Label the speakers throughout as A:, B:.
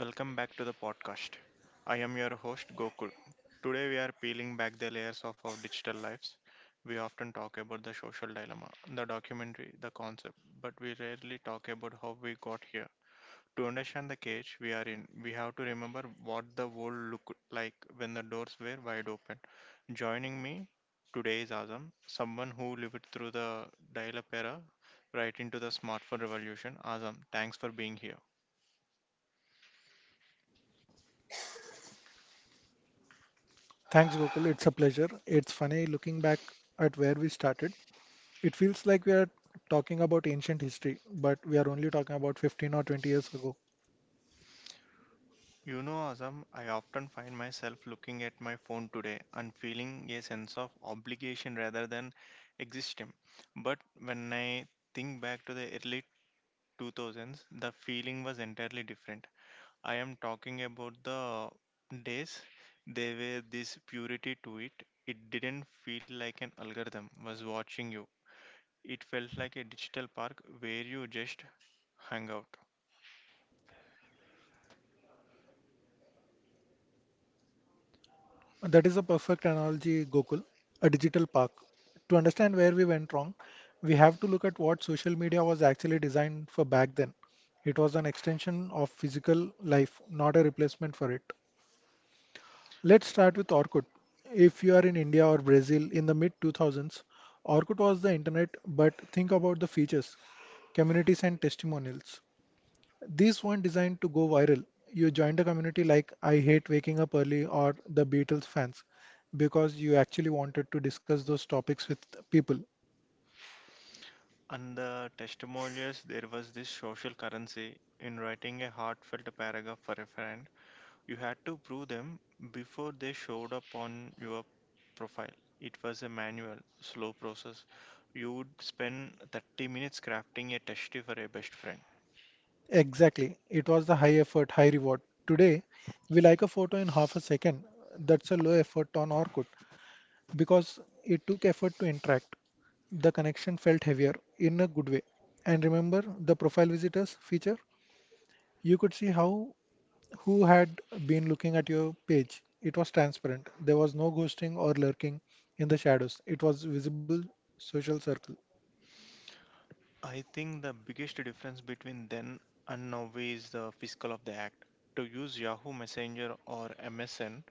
A: Welcome back to the podcast. I am your host Gokul. Today we are peeling back the layers of our digital lives. We often talk about the social dilemma, the documentary, the concept, but we rarely talk about how we got here. To understand the cage we are in, we have to remember what the world looked like when the doors were wide open. Joining me today is Azam, someone who lived through the dial-up era right into the smartphone revolution. Azam, thanks for being here.
B: Thanks, Gokul. It's a pleasure. It's funny looking back at where we started. It feels like we are talking about ancient history, but we are only talking about 15 or 20 years ago.
A: You know, Azam, I often find myself looking at my phone today and feeling a sense of obligation rather than existing. But when I think back to the early 2000s, the feeling was entirely different. I am talking about the days there were this purity to it. It didn't feel like an algorithm was watching you. It felt like a digital park where you just hung out.
B: That is a perfect analogy, Gokul, a digital park. To understand where we went wrong, we have to look at what social media was actually designed for back then. It was an extension of physical life, not a replacement for it. Let's start with Orkut. If you are in India or Brazil in the mid 2000s, Orkut was the internet, but think about the features, communities, and testimonials. These weren't designed to go viral. You joined a community like I Hate Waking Up Early or the Beatles fans because you actually wanted to discuss those topics with people.
A: And the testimonials, there was this social currency in writing a heartfelt paragraph for a friend. You had to prove them before they showed up on your profile. It was a manual, slow process. You would spend 30 minutes crafting a testy for a best friend.
B: Exactly. It was the high effort, high reward. Today, we like a photo in half a second. That's a low effort on Orkut because it took effort to interact. The connection felt heavier in a good way. And remember the profile visitors feature? You could see how who had been looking at your page. It was transparent. There was no ghosting or lurking in the shadows. It was visible social circle.
A: I think the biggest difference between then and now is the physical of the act. To use Yahoo Messenger or MSN,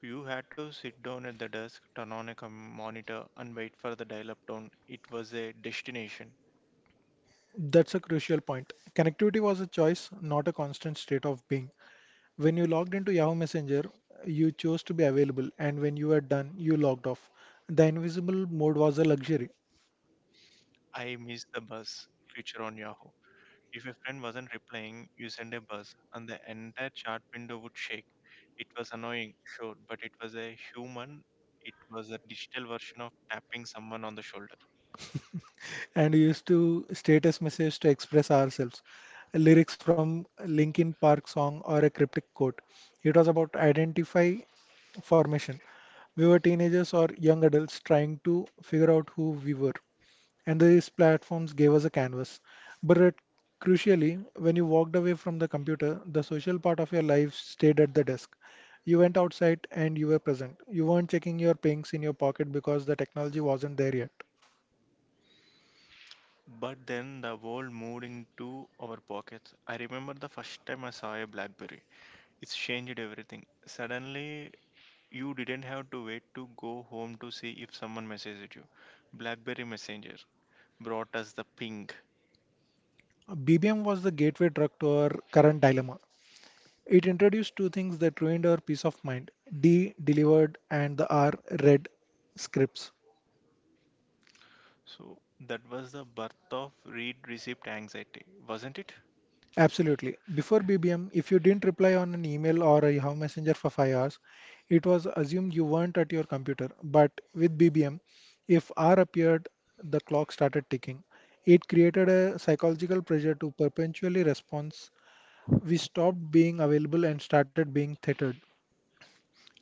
A: you had to sit down at the desk, turn on a monitor, and wait for the dial up tone. It was a destination.
B: That's a crucial point. Connectivity was a choice, not a constant state of being. When you logged into Yahoo Messenger, you chose to be available, and when you were done, you logged off. The invisible mode was a luxury.
A: I missed the bus feature on Yahoo. If a friend wasn't replying, you send a buzz, and the entire chat window would shake. It was annoying, sure, but it was a human. It was a digital version of tapping someone on the shoulder.
B: And used to status message to express ourselves. Lyrics from Linkin Park song or a cryptic quote. It was about identify formation. We were teenagers or young adults trying to figure out who we were, and these platforms gave us a canvas. But it- Crucially, when you walked away from the computer, the social part of your life stayed at the desk. You went outside and you were present. You weren't checking your pings in your pocket because the technology wasn't there yet.
A: But then the world moved into our pockets. I remember the first time I saw a Blackberry. It's changed everything. Suddenly, you didn't have to wait to go home to see if someone messaged you. BlackBerry Messenger brought us the ping.
B: BBM was the gateway drug to our current dilemma. It introduced two things that ruined our peace of mind: D delivered and the R read scripts.
A: So that was the birth of read receipt anxiety, wasn't it?
B: Absolutely. Before BBM, if you didn't reply on an email or a Yahoo Messenger for 5 hours, it was assumed you weren't at your computer. But with BBM, if R appeared, the clock started ticking. It created a psychological pressure to perpetually respond. We stopped being available and started being tethered.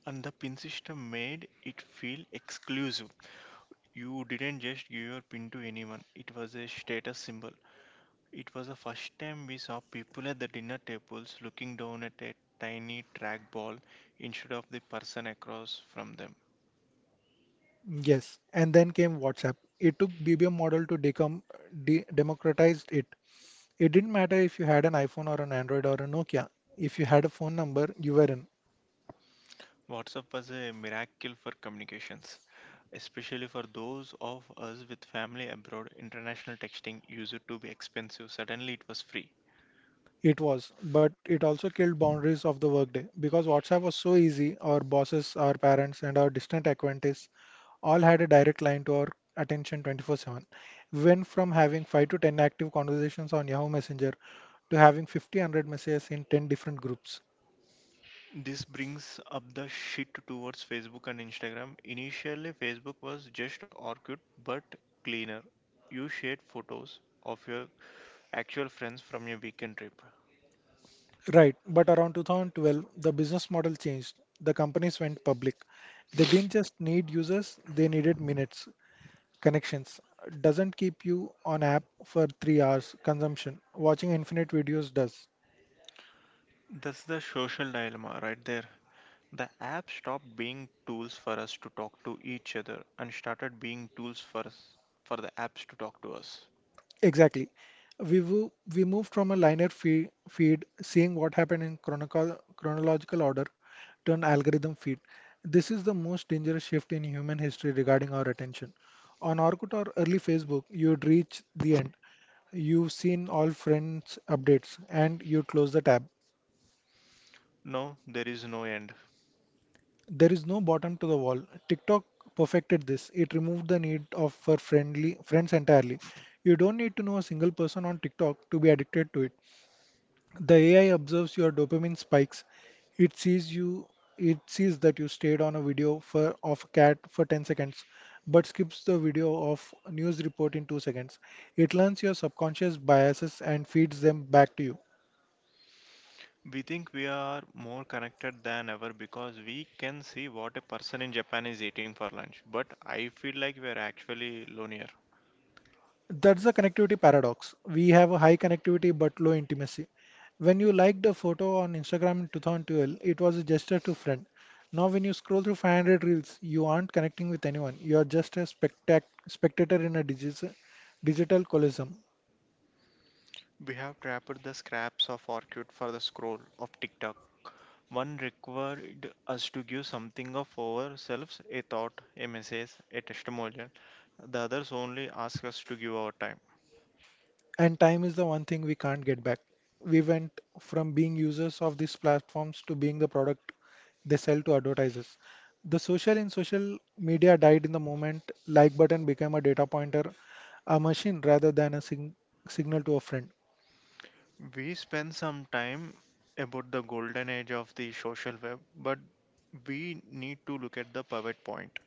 A: And the pin system made it feel exclusive. You didn't just give your pin to anyone, it was a status symbol. It was the first time we saw people at the dinner tables looking down at a tiny trackball instead of the person across from them.
B: Yes, and then came WhatsApp. It took BBM model to decom de democratized it. It didn't matter if you had an iPhone or an Android or a Nokia. If you had a phone number, you were in.
A: WhatsApp was a miracle for communications, especially for those of us with family abroad. International texting used to be expensive. Suddenly, it was free.
B: It was, but it also killed boundaries of the workday because WhatsApp was so easy. Our bosses, our parents, and our distant acquaintances all had a direct line to our attention 24/7. We went from having 5 to 10 active conversations on Yahoo Messenger to having 50, 100 messages in 10 different groups.
A: This brings up the shit towards Facebook and Instagram. Initially, Facebook was just Orkut but cleaner. You shared photos of your actual friends from your weekend trip.
B: Right, but around 2012, the business model changed. The companies went public. They didn't just need users, they needed minutes, connections. Doesn't keep you on app for 3 hours, consumption. Watching infinite videos does.
A: That's the social dilemma right there. The app stopped being tools for us to talk to each other and started being tools for us, for the apps to talk to us.
B: Exactly. We moved from a feed, seeing what happened in chronological order, to an algorithm feed. This is the most dangerous shift in human history regarding our attention. On Orkut or early Facebook, you would reach the end. You've seen all friends' updates and you close the tab.
A: No, there is no end.
B: There is no bottom to the wall. TikTok perfected this. It removed the need of for friendly friends entirely. You don't need to know a single person on TikTok to be addicted to it. The AI observes your dopamine spikes. It sees you it sees that you stayed on a video for of a cat for 10 seconds but skips the video of news report in 2 seconds. It learns your subconscious biases and feeds them back to you.
A: We think we are more connected than ever because we can see what a person in Japan is eating for lunch, but I feel like we are actually lonelier.
B: That's the connectivity paradox. We have a high connectivity but low intimacy. When you liked a photo on Instagram in 2012, it was a gesture to friend. Now, when you scroll through 500 reels, you aren't connecting with anyone. You are just a spectator in a digital colosseum.
A: We have trapped the scraps of orchid for the scroll of TikTok. One required us to give something of ourselves, a thought, a message, a testimonial. The others only ask us to give our time.
B: And time is the one thing we can't get back. We went from being users of these platforms to being the product they sell to advertisers. The social in social media died in the moment like button became a data pointer, a machine rather than a signal to a friend.
A: We spend some time about the golden age of the social web, but we need to look at the pivot point.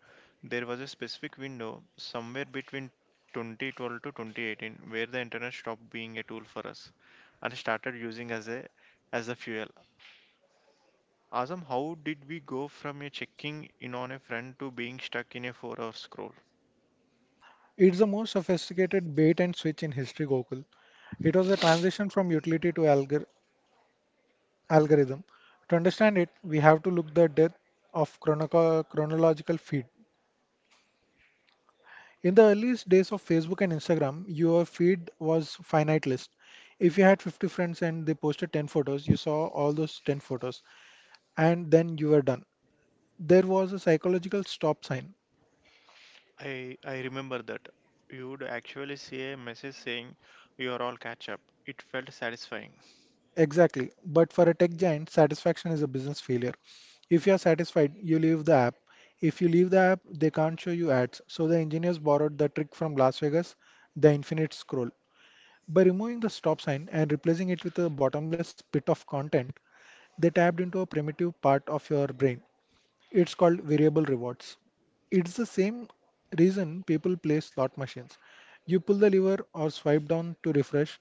A: There was a specific window somewhere between 2012 to 2018 where the internet stopped being a tool for us and started using as a fuel. Azam, how did we go from a checking in on a friend to being stuck in a four-hour scroll?
B: It's the most sophisticated bait and switch in history, Gokul. It was a transition from utility to algorithm. To understand it, we have to look the death of chronological feed. In the earliest days of Facebook and Instagram, your feed was finite list. If you had 50 friends and they posted 10 photos, you saw all those 10 photos and then you were done. There was a psychological stop sign.
A: I remember that. You would actually see a message saying you are all catch up. It felt satisfying.
B: Exactly. But for a tech giant, satisfaction is a business failure. If you're satisfied, you leave the app. If you leave the app, they can't show you ads. So the engineers borrowed the trick from Las Vegas, the infinite scroll. By removing the stop sign and replacing it with a bottomless pit of content, they tapped into a primitive part of your brain. It's called variable rewards. It's the same reason people play slot machines. You pull the lever or swipe down to refresh,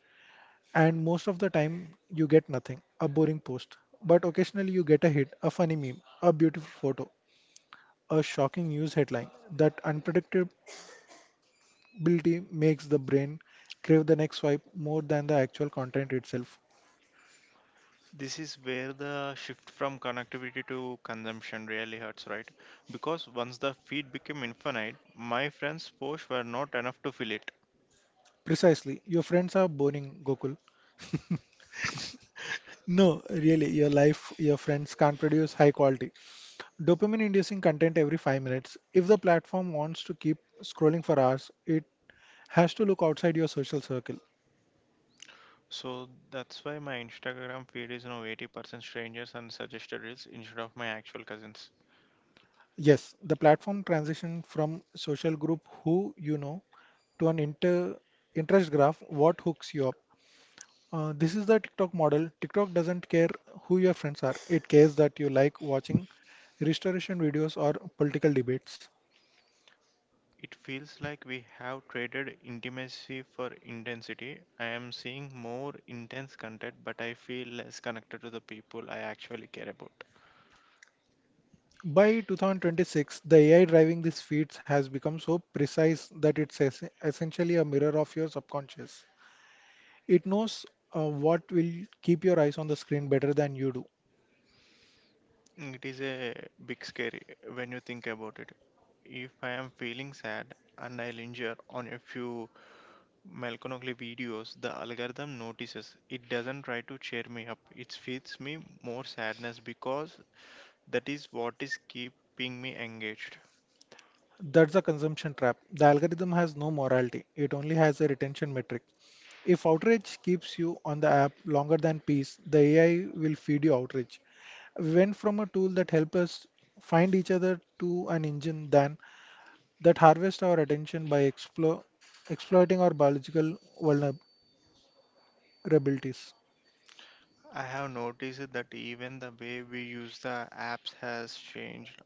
B: and most of the time you get nothing, a boring post. But occasionally you get a hit, a funny meme, a beautiful photo, a shocking news headline. That unpredictability makes the brain crave the next swipe more than the actual content itself.
A: This is where the shift from connectivity to consumption really hurts, right? Because once the feed became infinite, my friends' posts were not enough to fill it.
B: Precisely, your friends are boring, Gokul. No, really, your life, your friends can't produce high quality. Dopamine inducing content every 5 minutes. If the platform wants to keep scrolling for hours, it has to look outside your social circle.
A: So that's why my Instagram feed is now 80% strangers and suggested reels instead of my actual cousins.
B: Yes, the platform transition from social group who you know to an interest graph what hooks you up. This is the TikTok model. TikTok doesn't care who your friends are, it cares that you like watching restoration videos or political debates.
A: It feels like we have traded intimacy for intensity. I am seeing more intense content, but I feel less connected to the people I actually care about.
B: By 2026, the AI driving these feeds has become so precise that it's essentially a mirror of your subconscious. It knows what will keep your eyes on the screen better than you do.
A: It is a big scary when you think about it. If I am feeling sad and I linger on a few melancholy videos, the algorithm notices. It doesn't try to cheer me up. It feeds me more sadness because that is what is keeping me engaged.
B: That's a consumption trap. The algorithm has no morality, it only has a retention metric. If outrage keeps you on the app longer than peace, the AI will feed you outrage. We went from a tool that help us find each other to an engine than that harvest our attention by exploiting our biological vulnerabilities.
A: I have noticed that even the way we use the apps has changed.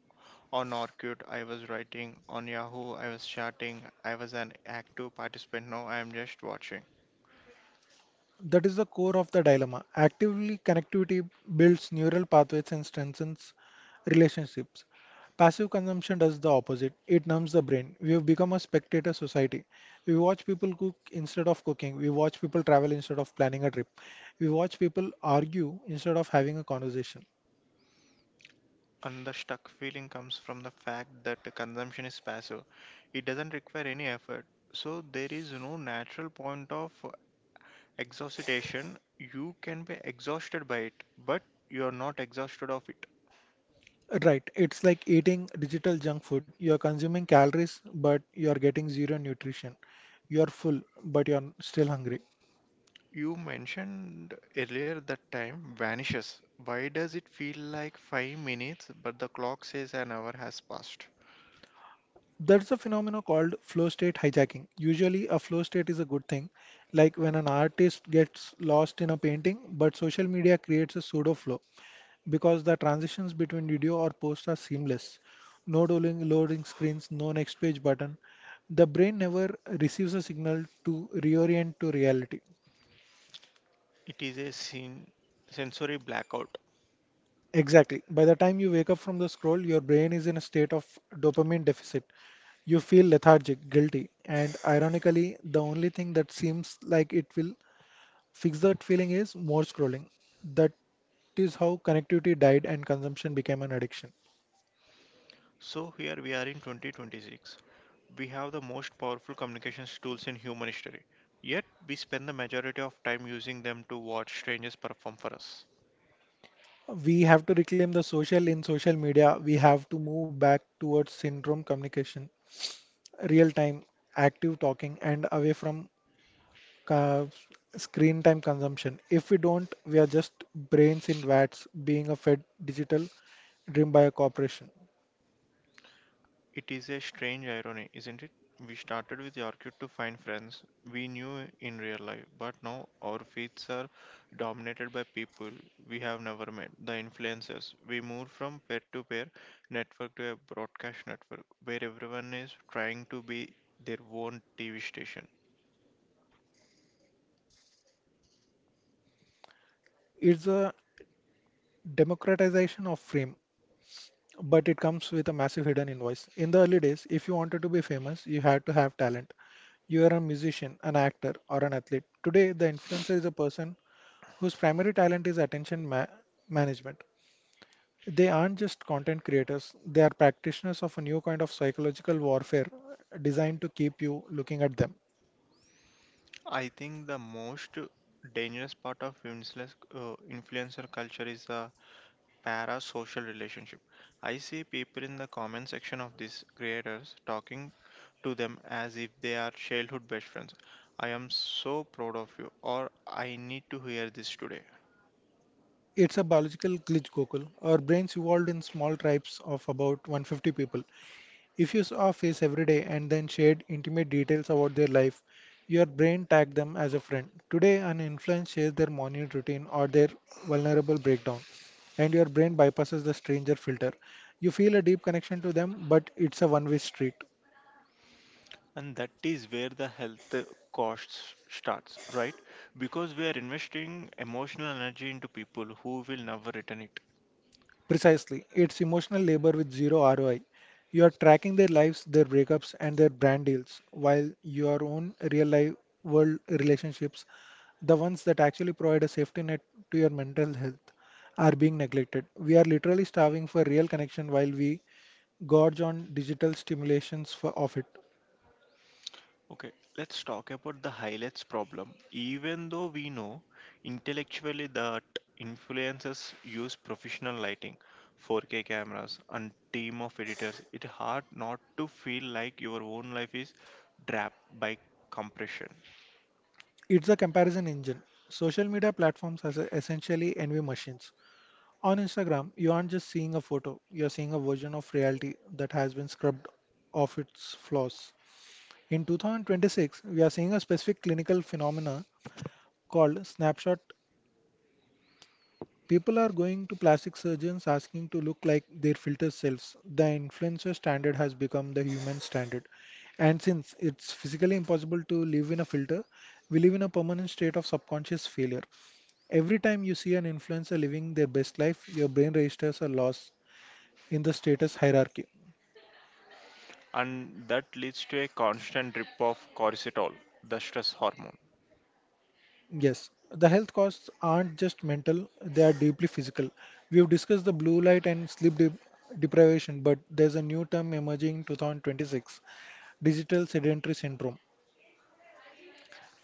A: On Orkut, I was writing. On Yahoo, I was chatting. I was an active participant. Now I am just watching.
B: That is the core of the dilemma. Actively connectivity builds neural pathways and strengthens relationships. Passive consumption does the opposite. It numbs the brain. We have become a spectator society. We watch people cook instead of cooking. We watch people travel instead of planning a trip. We watch people argue instead of having a conversation.
A: And the stuck feeling comes from the fact that the consumption is passive. It doesn't require any effort. So there is no natural point of exhaustion. You can be exhausted by it, but you are not exhausted of it.
B: Right, it's like eating digital junk food. You're consuming calories, but you're getting zero nutrition. You're full, but you're still hungry.
A: You mentioned earlier that time vanishes. Why does it feel like 5 minutes but the clock says an hour has passed?
B: That's a phenomenon called flow state hijacking. Usually, a flow state is a good thing, like when an artist gets lost in a painting, but social media creates a pseudo flow because the transitions between video or post are seamless. No loading screens, no next page button. The brain never receives a signal to reorient to reality.
A: It is a sensory blackout.
B: Exactly. By the time you wake up from the scroll, your brain is in a state of dopamine deficit. You feel lethargic, guilty, and ironically, the only thing that seems like it will fix that feeling is more scrolling. That is how connectivity died and consumption became an addiction.
A: So here we are in 2026. We have the most powerful communications tools in human history, yet we spend the majority of time using them to watch strangers perform for us.
B: We have to reclaim the social in social media. We have to move back towards syndrome communication, real time, active talking, and away from ca- screen time consumption. If we don't, we are just brains in vat being a fed digital dream by a corporation.
A: It is a strange irony, isn't it? We started with Orchid to find friends we knew in real life, but now our feeds are dominated by people we have never met, the influencers. We moved from peer to peer network to a broadcast network where everyone is trying to be their own TV station.
B: It's a democratization of fame, but it comes with a massive hidden invoice. In the early days, if you wanted to be famous, you had to have talent. You are a musician, an actor, or an athlete. Today, the influencer is a person whose primary talent is attention management. They aren't just content creators, they are practitioners of a new kind of psychological warfare designed to keep you looking at them.
A: I think the most dangerous part of influencer culture is the parasocial relationship. I see people in the comment section of these creators talking to them as if they are childhood best friends. I am so proud of you, or I need to hear this today.
B: It's a biological glitch, Gokul. Our brains evolved in small tribes of about 150 people. If you saw a face every day and then shared intimate details about their life, your brain tagged them as a friend. Today, an influence shares their morning routine or their vulnerable breakdown, and your brain bypasses the stranger filter. You feel a deep connection to them, but it's a one way street.
A: And that is where the health costs starts, right? Because we are investing emotional energy into people who will never return it.
B: Precisely. It's emotional labor with zero ROI. You are tracking their lives, their breakups, and their brand deals, while your own real life world relationships, the ones that actually provide a safety net to your mental health, are being neglected. We are literally starving for real connection while we gorge on digital stimulations of it.
A: Okay, let's talk about the highlights problem. Even though we know intellectually that influencers use professional lighting, 4K cameras, and team of editors, it's hard not to feel like your own life is trapped by compression.
B: It's a comparison engine. Social media platforms are essentially envy machines. On Instagram, you aren't just seeing a photo, you're seeing a version of reality that has been scrubbed of its flaws. In 2026, we are seeing a specific clinical phenomena called snapshot. People are going to plastic surgeons asking to look like their filter selves. The influencer standard has become the human standard. And since it's physically impossible to live in a filter, we live in a permanent state of subconscious failure. Every time you see an influencer living their best life, your brain registers a loss in the status hierarchy.
A: And that leads to a constant drip of cortisol, the stress hormone.
B: Yes, the health costs aren't just mental, they are deeply physical. We've discussed the blue light and deprivation, but there's a new term emerging in 2026, digital sedentary syndrome.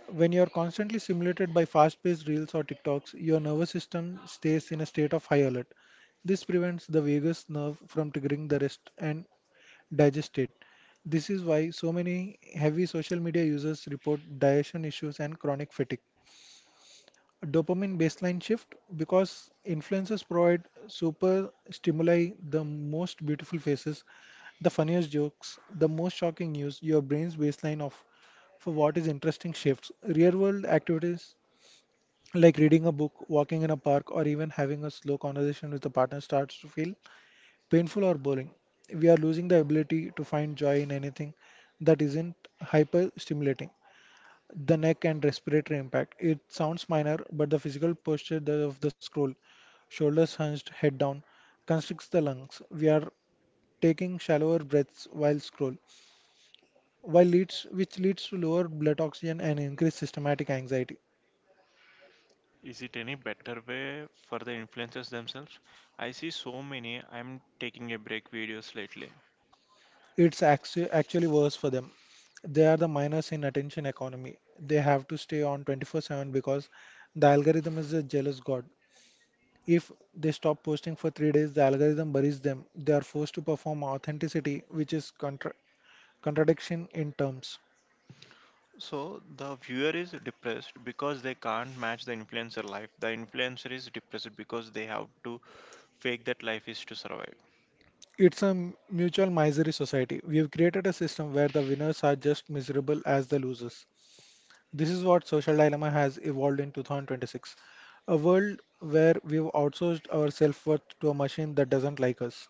B: When you're constantly stimulated by fast paced reels or TikToks, your nervous system stays in a state of high alert. This prevents the vagus nerve from triggering the rest and digest it. This is why so many heavy social media users report digestion issues and chronic fatigue. Dopamine baseline shift, because influences provide super stimuli, the most beautiful faces, the funniest jokes, the most shocking news. Your brain's baseline of for what is interesting shifts. Real world activities like reading a book, walking in a park, or even having a slow conversation with a partner starts to feel painful or boring. We are losing the ability to find joy in anything that isn't hyper stimulating. The neck and respiratory impact. It sounds minor, but the physical posture of the scroll, shoulders hunched, head down, constricts the lungs. We are taking shallower breaths while which leads to lower blood oxygen and increased systematic anxiety.
A: Is it any better way for the influencers themselves? I see so many I'm taking a break videos lately.
B: It's actually worse for them. They are the miners in attention economy. They have to stay on 24/7 because the algorithm is a jealous god. If they stop posting for 3 days, the algorithm buries them. They are forced to perform authenticity, which is contradiction in terms.
A: So the viewer is depressed because they can't match the influencer life. The influencer is depressed because they have to fake that life is to survive.
B: It's a mutual misery society. We have created a system where the winners are just miserable as the losers. This is what Social Dilemma has evolved in 2026, a world where we've outsourced our self worth to a machine that doesn't like us.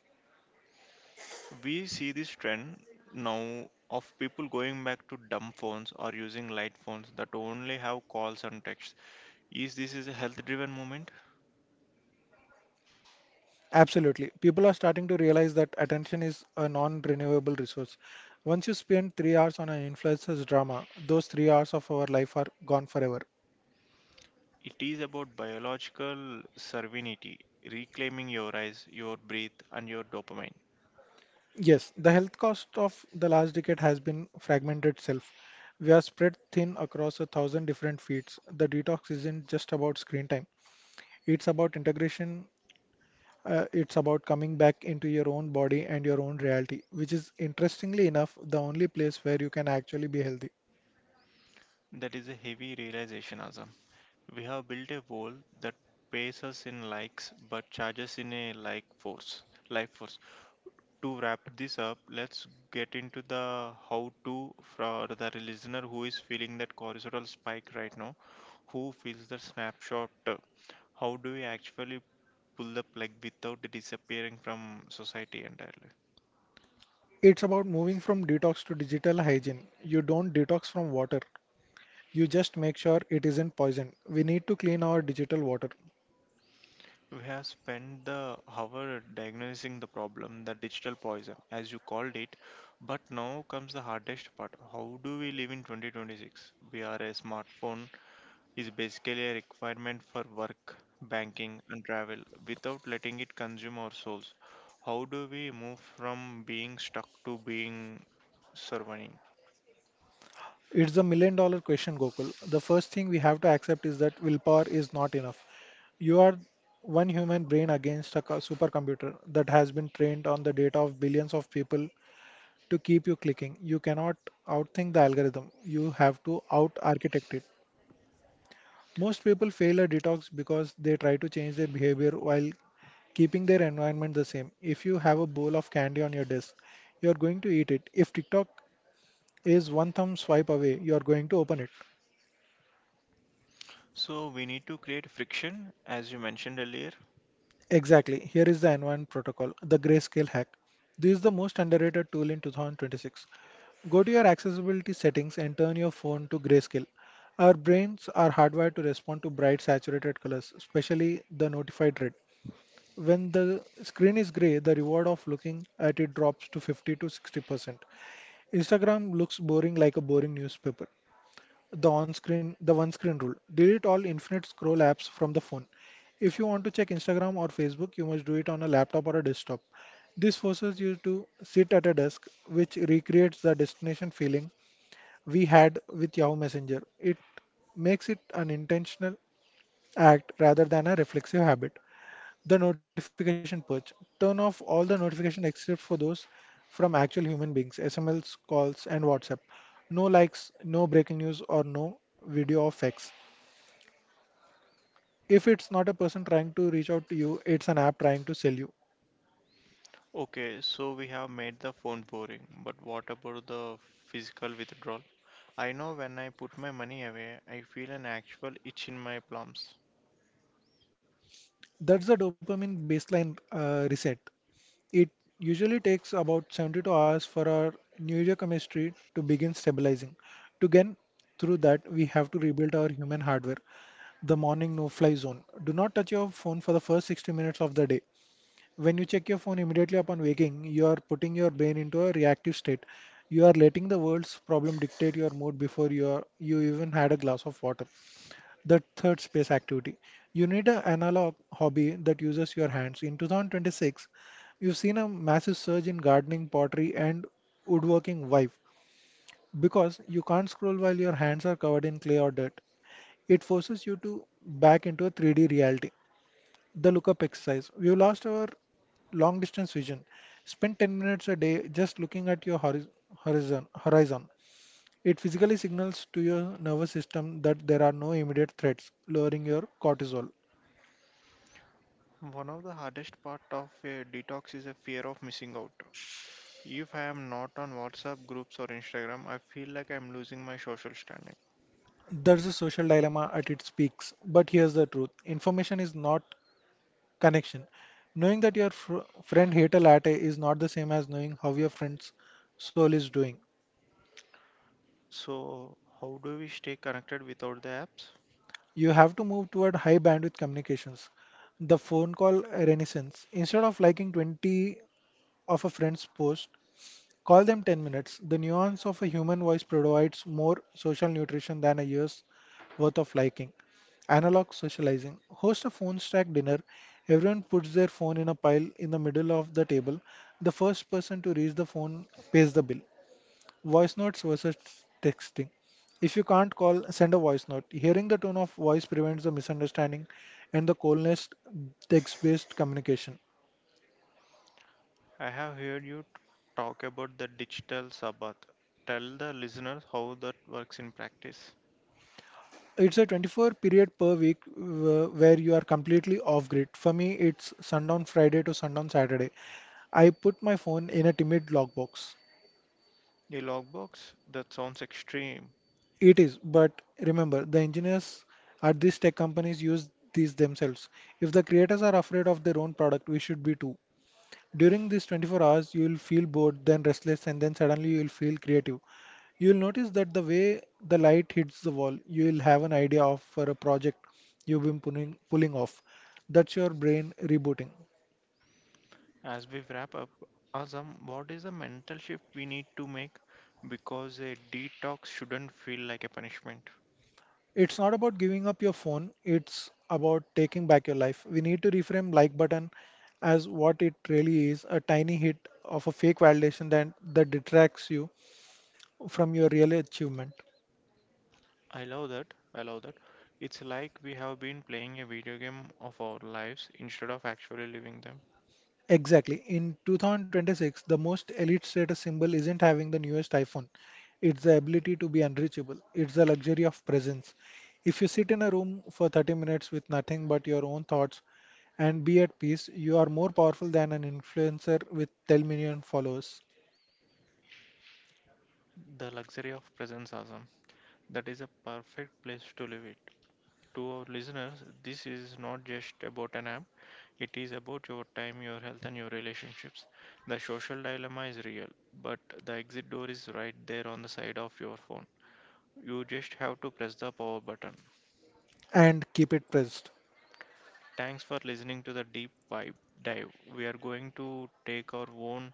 A: We see this trend now of people going back to dumb phones or using light phones that only have calls and texts. Is this is a health driven movement?
B: Absolutely. People are starting to realize that attention is a non renewable resource. Once you spend 3 hours on an influencer's drama, those 3 hours of our life are gone forever.
A: It is about biological serenity, reclaiming your eyes, your breath and your dopamine.
B: Yes, the health cost of the last decade has been fragmented self. We are spread thin across a thousand different feeds. The detox isn't just about screen time, it's about integration. It's about coming back into your own body and your own reality, which is interestingly enough the only place where you can actually be healthy.
A: That is a heavy realization, Azam. We have built a wall that pays us in likes but charges in a like force. Life force. To wrap this up, let's get into the how to for the listener who is feeling that horizontal spike right now, who feels the snapshot. How do we actually pull the plug without disappearing from society entirely?
B: It's about moving from detox to digital hygiene. You don't detox from water. You just make sure it isn't poisoned. We need to clean our digital water.
A: We have spent the hour diagnosing the problem, the digital poison, as you called it. But now comes the hardest part. How do we live in 2026? We are a smartphone is basically a requirement for work, banking, and travel without letting it consume our souls. How do we move from being stuck to being surviving?
B: It's a million dollar question, Gokul. The first thing we have to accept is that willpower is not enough. You are one human brain against a supercomputer that has been trained on the data of billions of people to keep you clicking. You cannot outthink the algorithm. You have to out architect it. Most people fail a detox because they try to change their behavior while keeping their environment the same. If you have a bowl of candy on your desk, you're going to eat it. If TikTok is one thumb swipe away, you're going to open it.
A: So we need to create friction, as you mentioned earlier.
B: Exactly. Here is the environment protocol, the grayscale hack. This is the most underrated tool in 2026. Go to your accessibility settings and turn your phone to grayscale. Our brains are hardwired to respond to bright, saturated colors, especially the notified red. When the screen is gray, the reward of looking at it drops to 50 to 60%. Instagram looks boring, like a boring newspaper. The one-screen rule. Delete all infinite scroll apps from the phone. If you want to check Instagram or Facebook, you must do it on a laptop or a desktop. This forces you to sit at a desk, which recreates the destination feeling we had with Yahoo Messenger. It makes it an intentional act rather than a reflexive habit. The notification purge. Turn off all the notifications except for those from actual human beings, SMS, calls, and WhatsApp. No likes, no breaking news, or no video of X. If it's not a person trying to reach out to you, it's an app trying to sell you.
A: Okay, so we have made the phone boring, but what about the physical withdrawal? I know when I put my money away, I feel an actual itch in my palms.
B: That's the dopamine baseline reset. It usually takes about 72 hours for our neurochemistry to begin stabilizing. To get through that, we have to rebuild our human hardware. The morning no fly zone. Do not touch your phone for the first 60 minutes of the day. When you check your phone immediately upon waking, you are putting your brain into a reactive state. You are letting the world's problem dictate your mood before you even had a glass of water. The third space activity. You need an analog hobby that uses your hands. In 2026, you've seen a massive surge in gardening, pottery, and woodworking vibe, because you can't scroll while your hands are covered in clay or dirt. It forces you to back into a 3D reality. The lookup exercise. You lost our long distance vision. Spend 10 minutes a day just looking at your horizon. It physically signals to your nervous system that there are no immediate threats, lowering your cortisol.
A: One of the hardest part of a detox is a fear of missing out. If I am not on WhatsApp groups or Instagram, I feel like I'm losing my social standing.
B: There's a social dilemma at its peaks. But here's the truth, information is not connection. Knowing that your friend hate a latte is not the same as knowing how your friend's soul is doing.
A: So, how do we stay connected without the apps?
B: You have to move toward high bandwidth communications. The phone call renaissance. Instead of liking 20 of a friend's post, call them 10 minutes. The nuance of a human voice provides more social nutrition than a year's worth of liking. Analog socializing. Host a phone stack dinner. Everyone puts their phone in a pile in the middle of the table. The first person to reach the phone pays the bill. Voice notes versus texting. If you can't call, send a voice note. Hearing the tone of voice prevents the misunderstanding and the coldness text based communication.
A: I have heard you talk about the digital sabbath. Tell the listeners how that works in practice.
B: It's a 24 period per week where you are completely off grid. For me, it's sundown Friday to sundown Saturday. I put my phone in a timid lockbox.
A: The logbooks, that sounds extreme.
B: It is, but remember, the engineers at these tech companies use these themselves. If the creators are afraid of their own product, we should be too. During these 24 hours, you will feel bored, then restless, and then suddenly you will feel creative. You will notice that the way the light hits the wall, you will have an idea of for a project you've been pulling off. That's your brain rebooting.
A: As we wrap up, Azam, what is the mental shift we need to make? Because a detox shouldn't feel like a punishment.
B: It's not about giving up your phone, it's about taking back your life. We need to reframe like button as what it really is, a tiny hit of a fake validation that detracts you from your real achievement.
A: I love that. I love that. It's like we have been playing a video game of our lives instead of actually living them.
B: Exactly. In 2026, the most elite status symbol isn't having the newest iPhone. It's the ability to be unreachable. It's the luxury of presence. If you sit in a room for 30 minutes with nothing but your own thoughts and be at peace, you are more powerful than an influencer with 10 million followers.
A: The luxury of presence, Azam. That is a perfect place to live it. To our listeners, this is not just about an app, it is about your time, your health, and your relationships. The social dilemma is real, but the exit door is right there on the side of your phone. You just have to press the power button.
B: And keep it pressed.
A: Thanks for listening to the deep vibe dive. We are going to take our own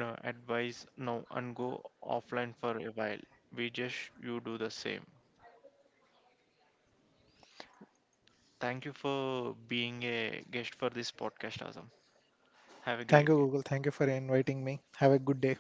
A: advice now and go offline for a while. We just you do the same. Thank you for being a guest for this podcast, Azam. Have a
B: Thank
A: great
B: you,
A: day.
B: Google. Thank you for inviting me. Have a good day.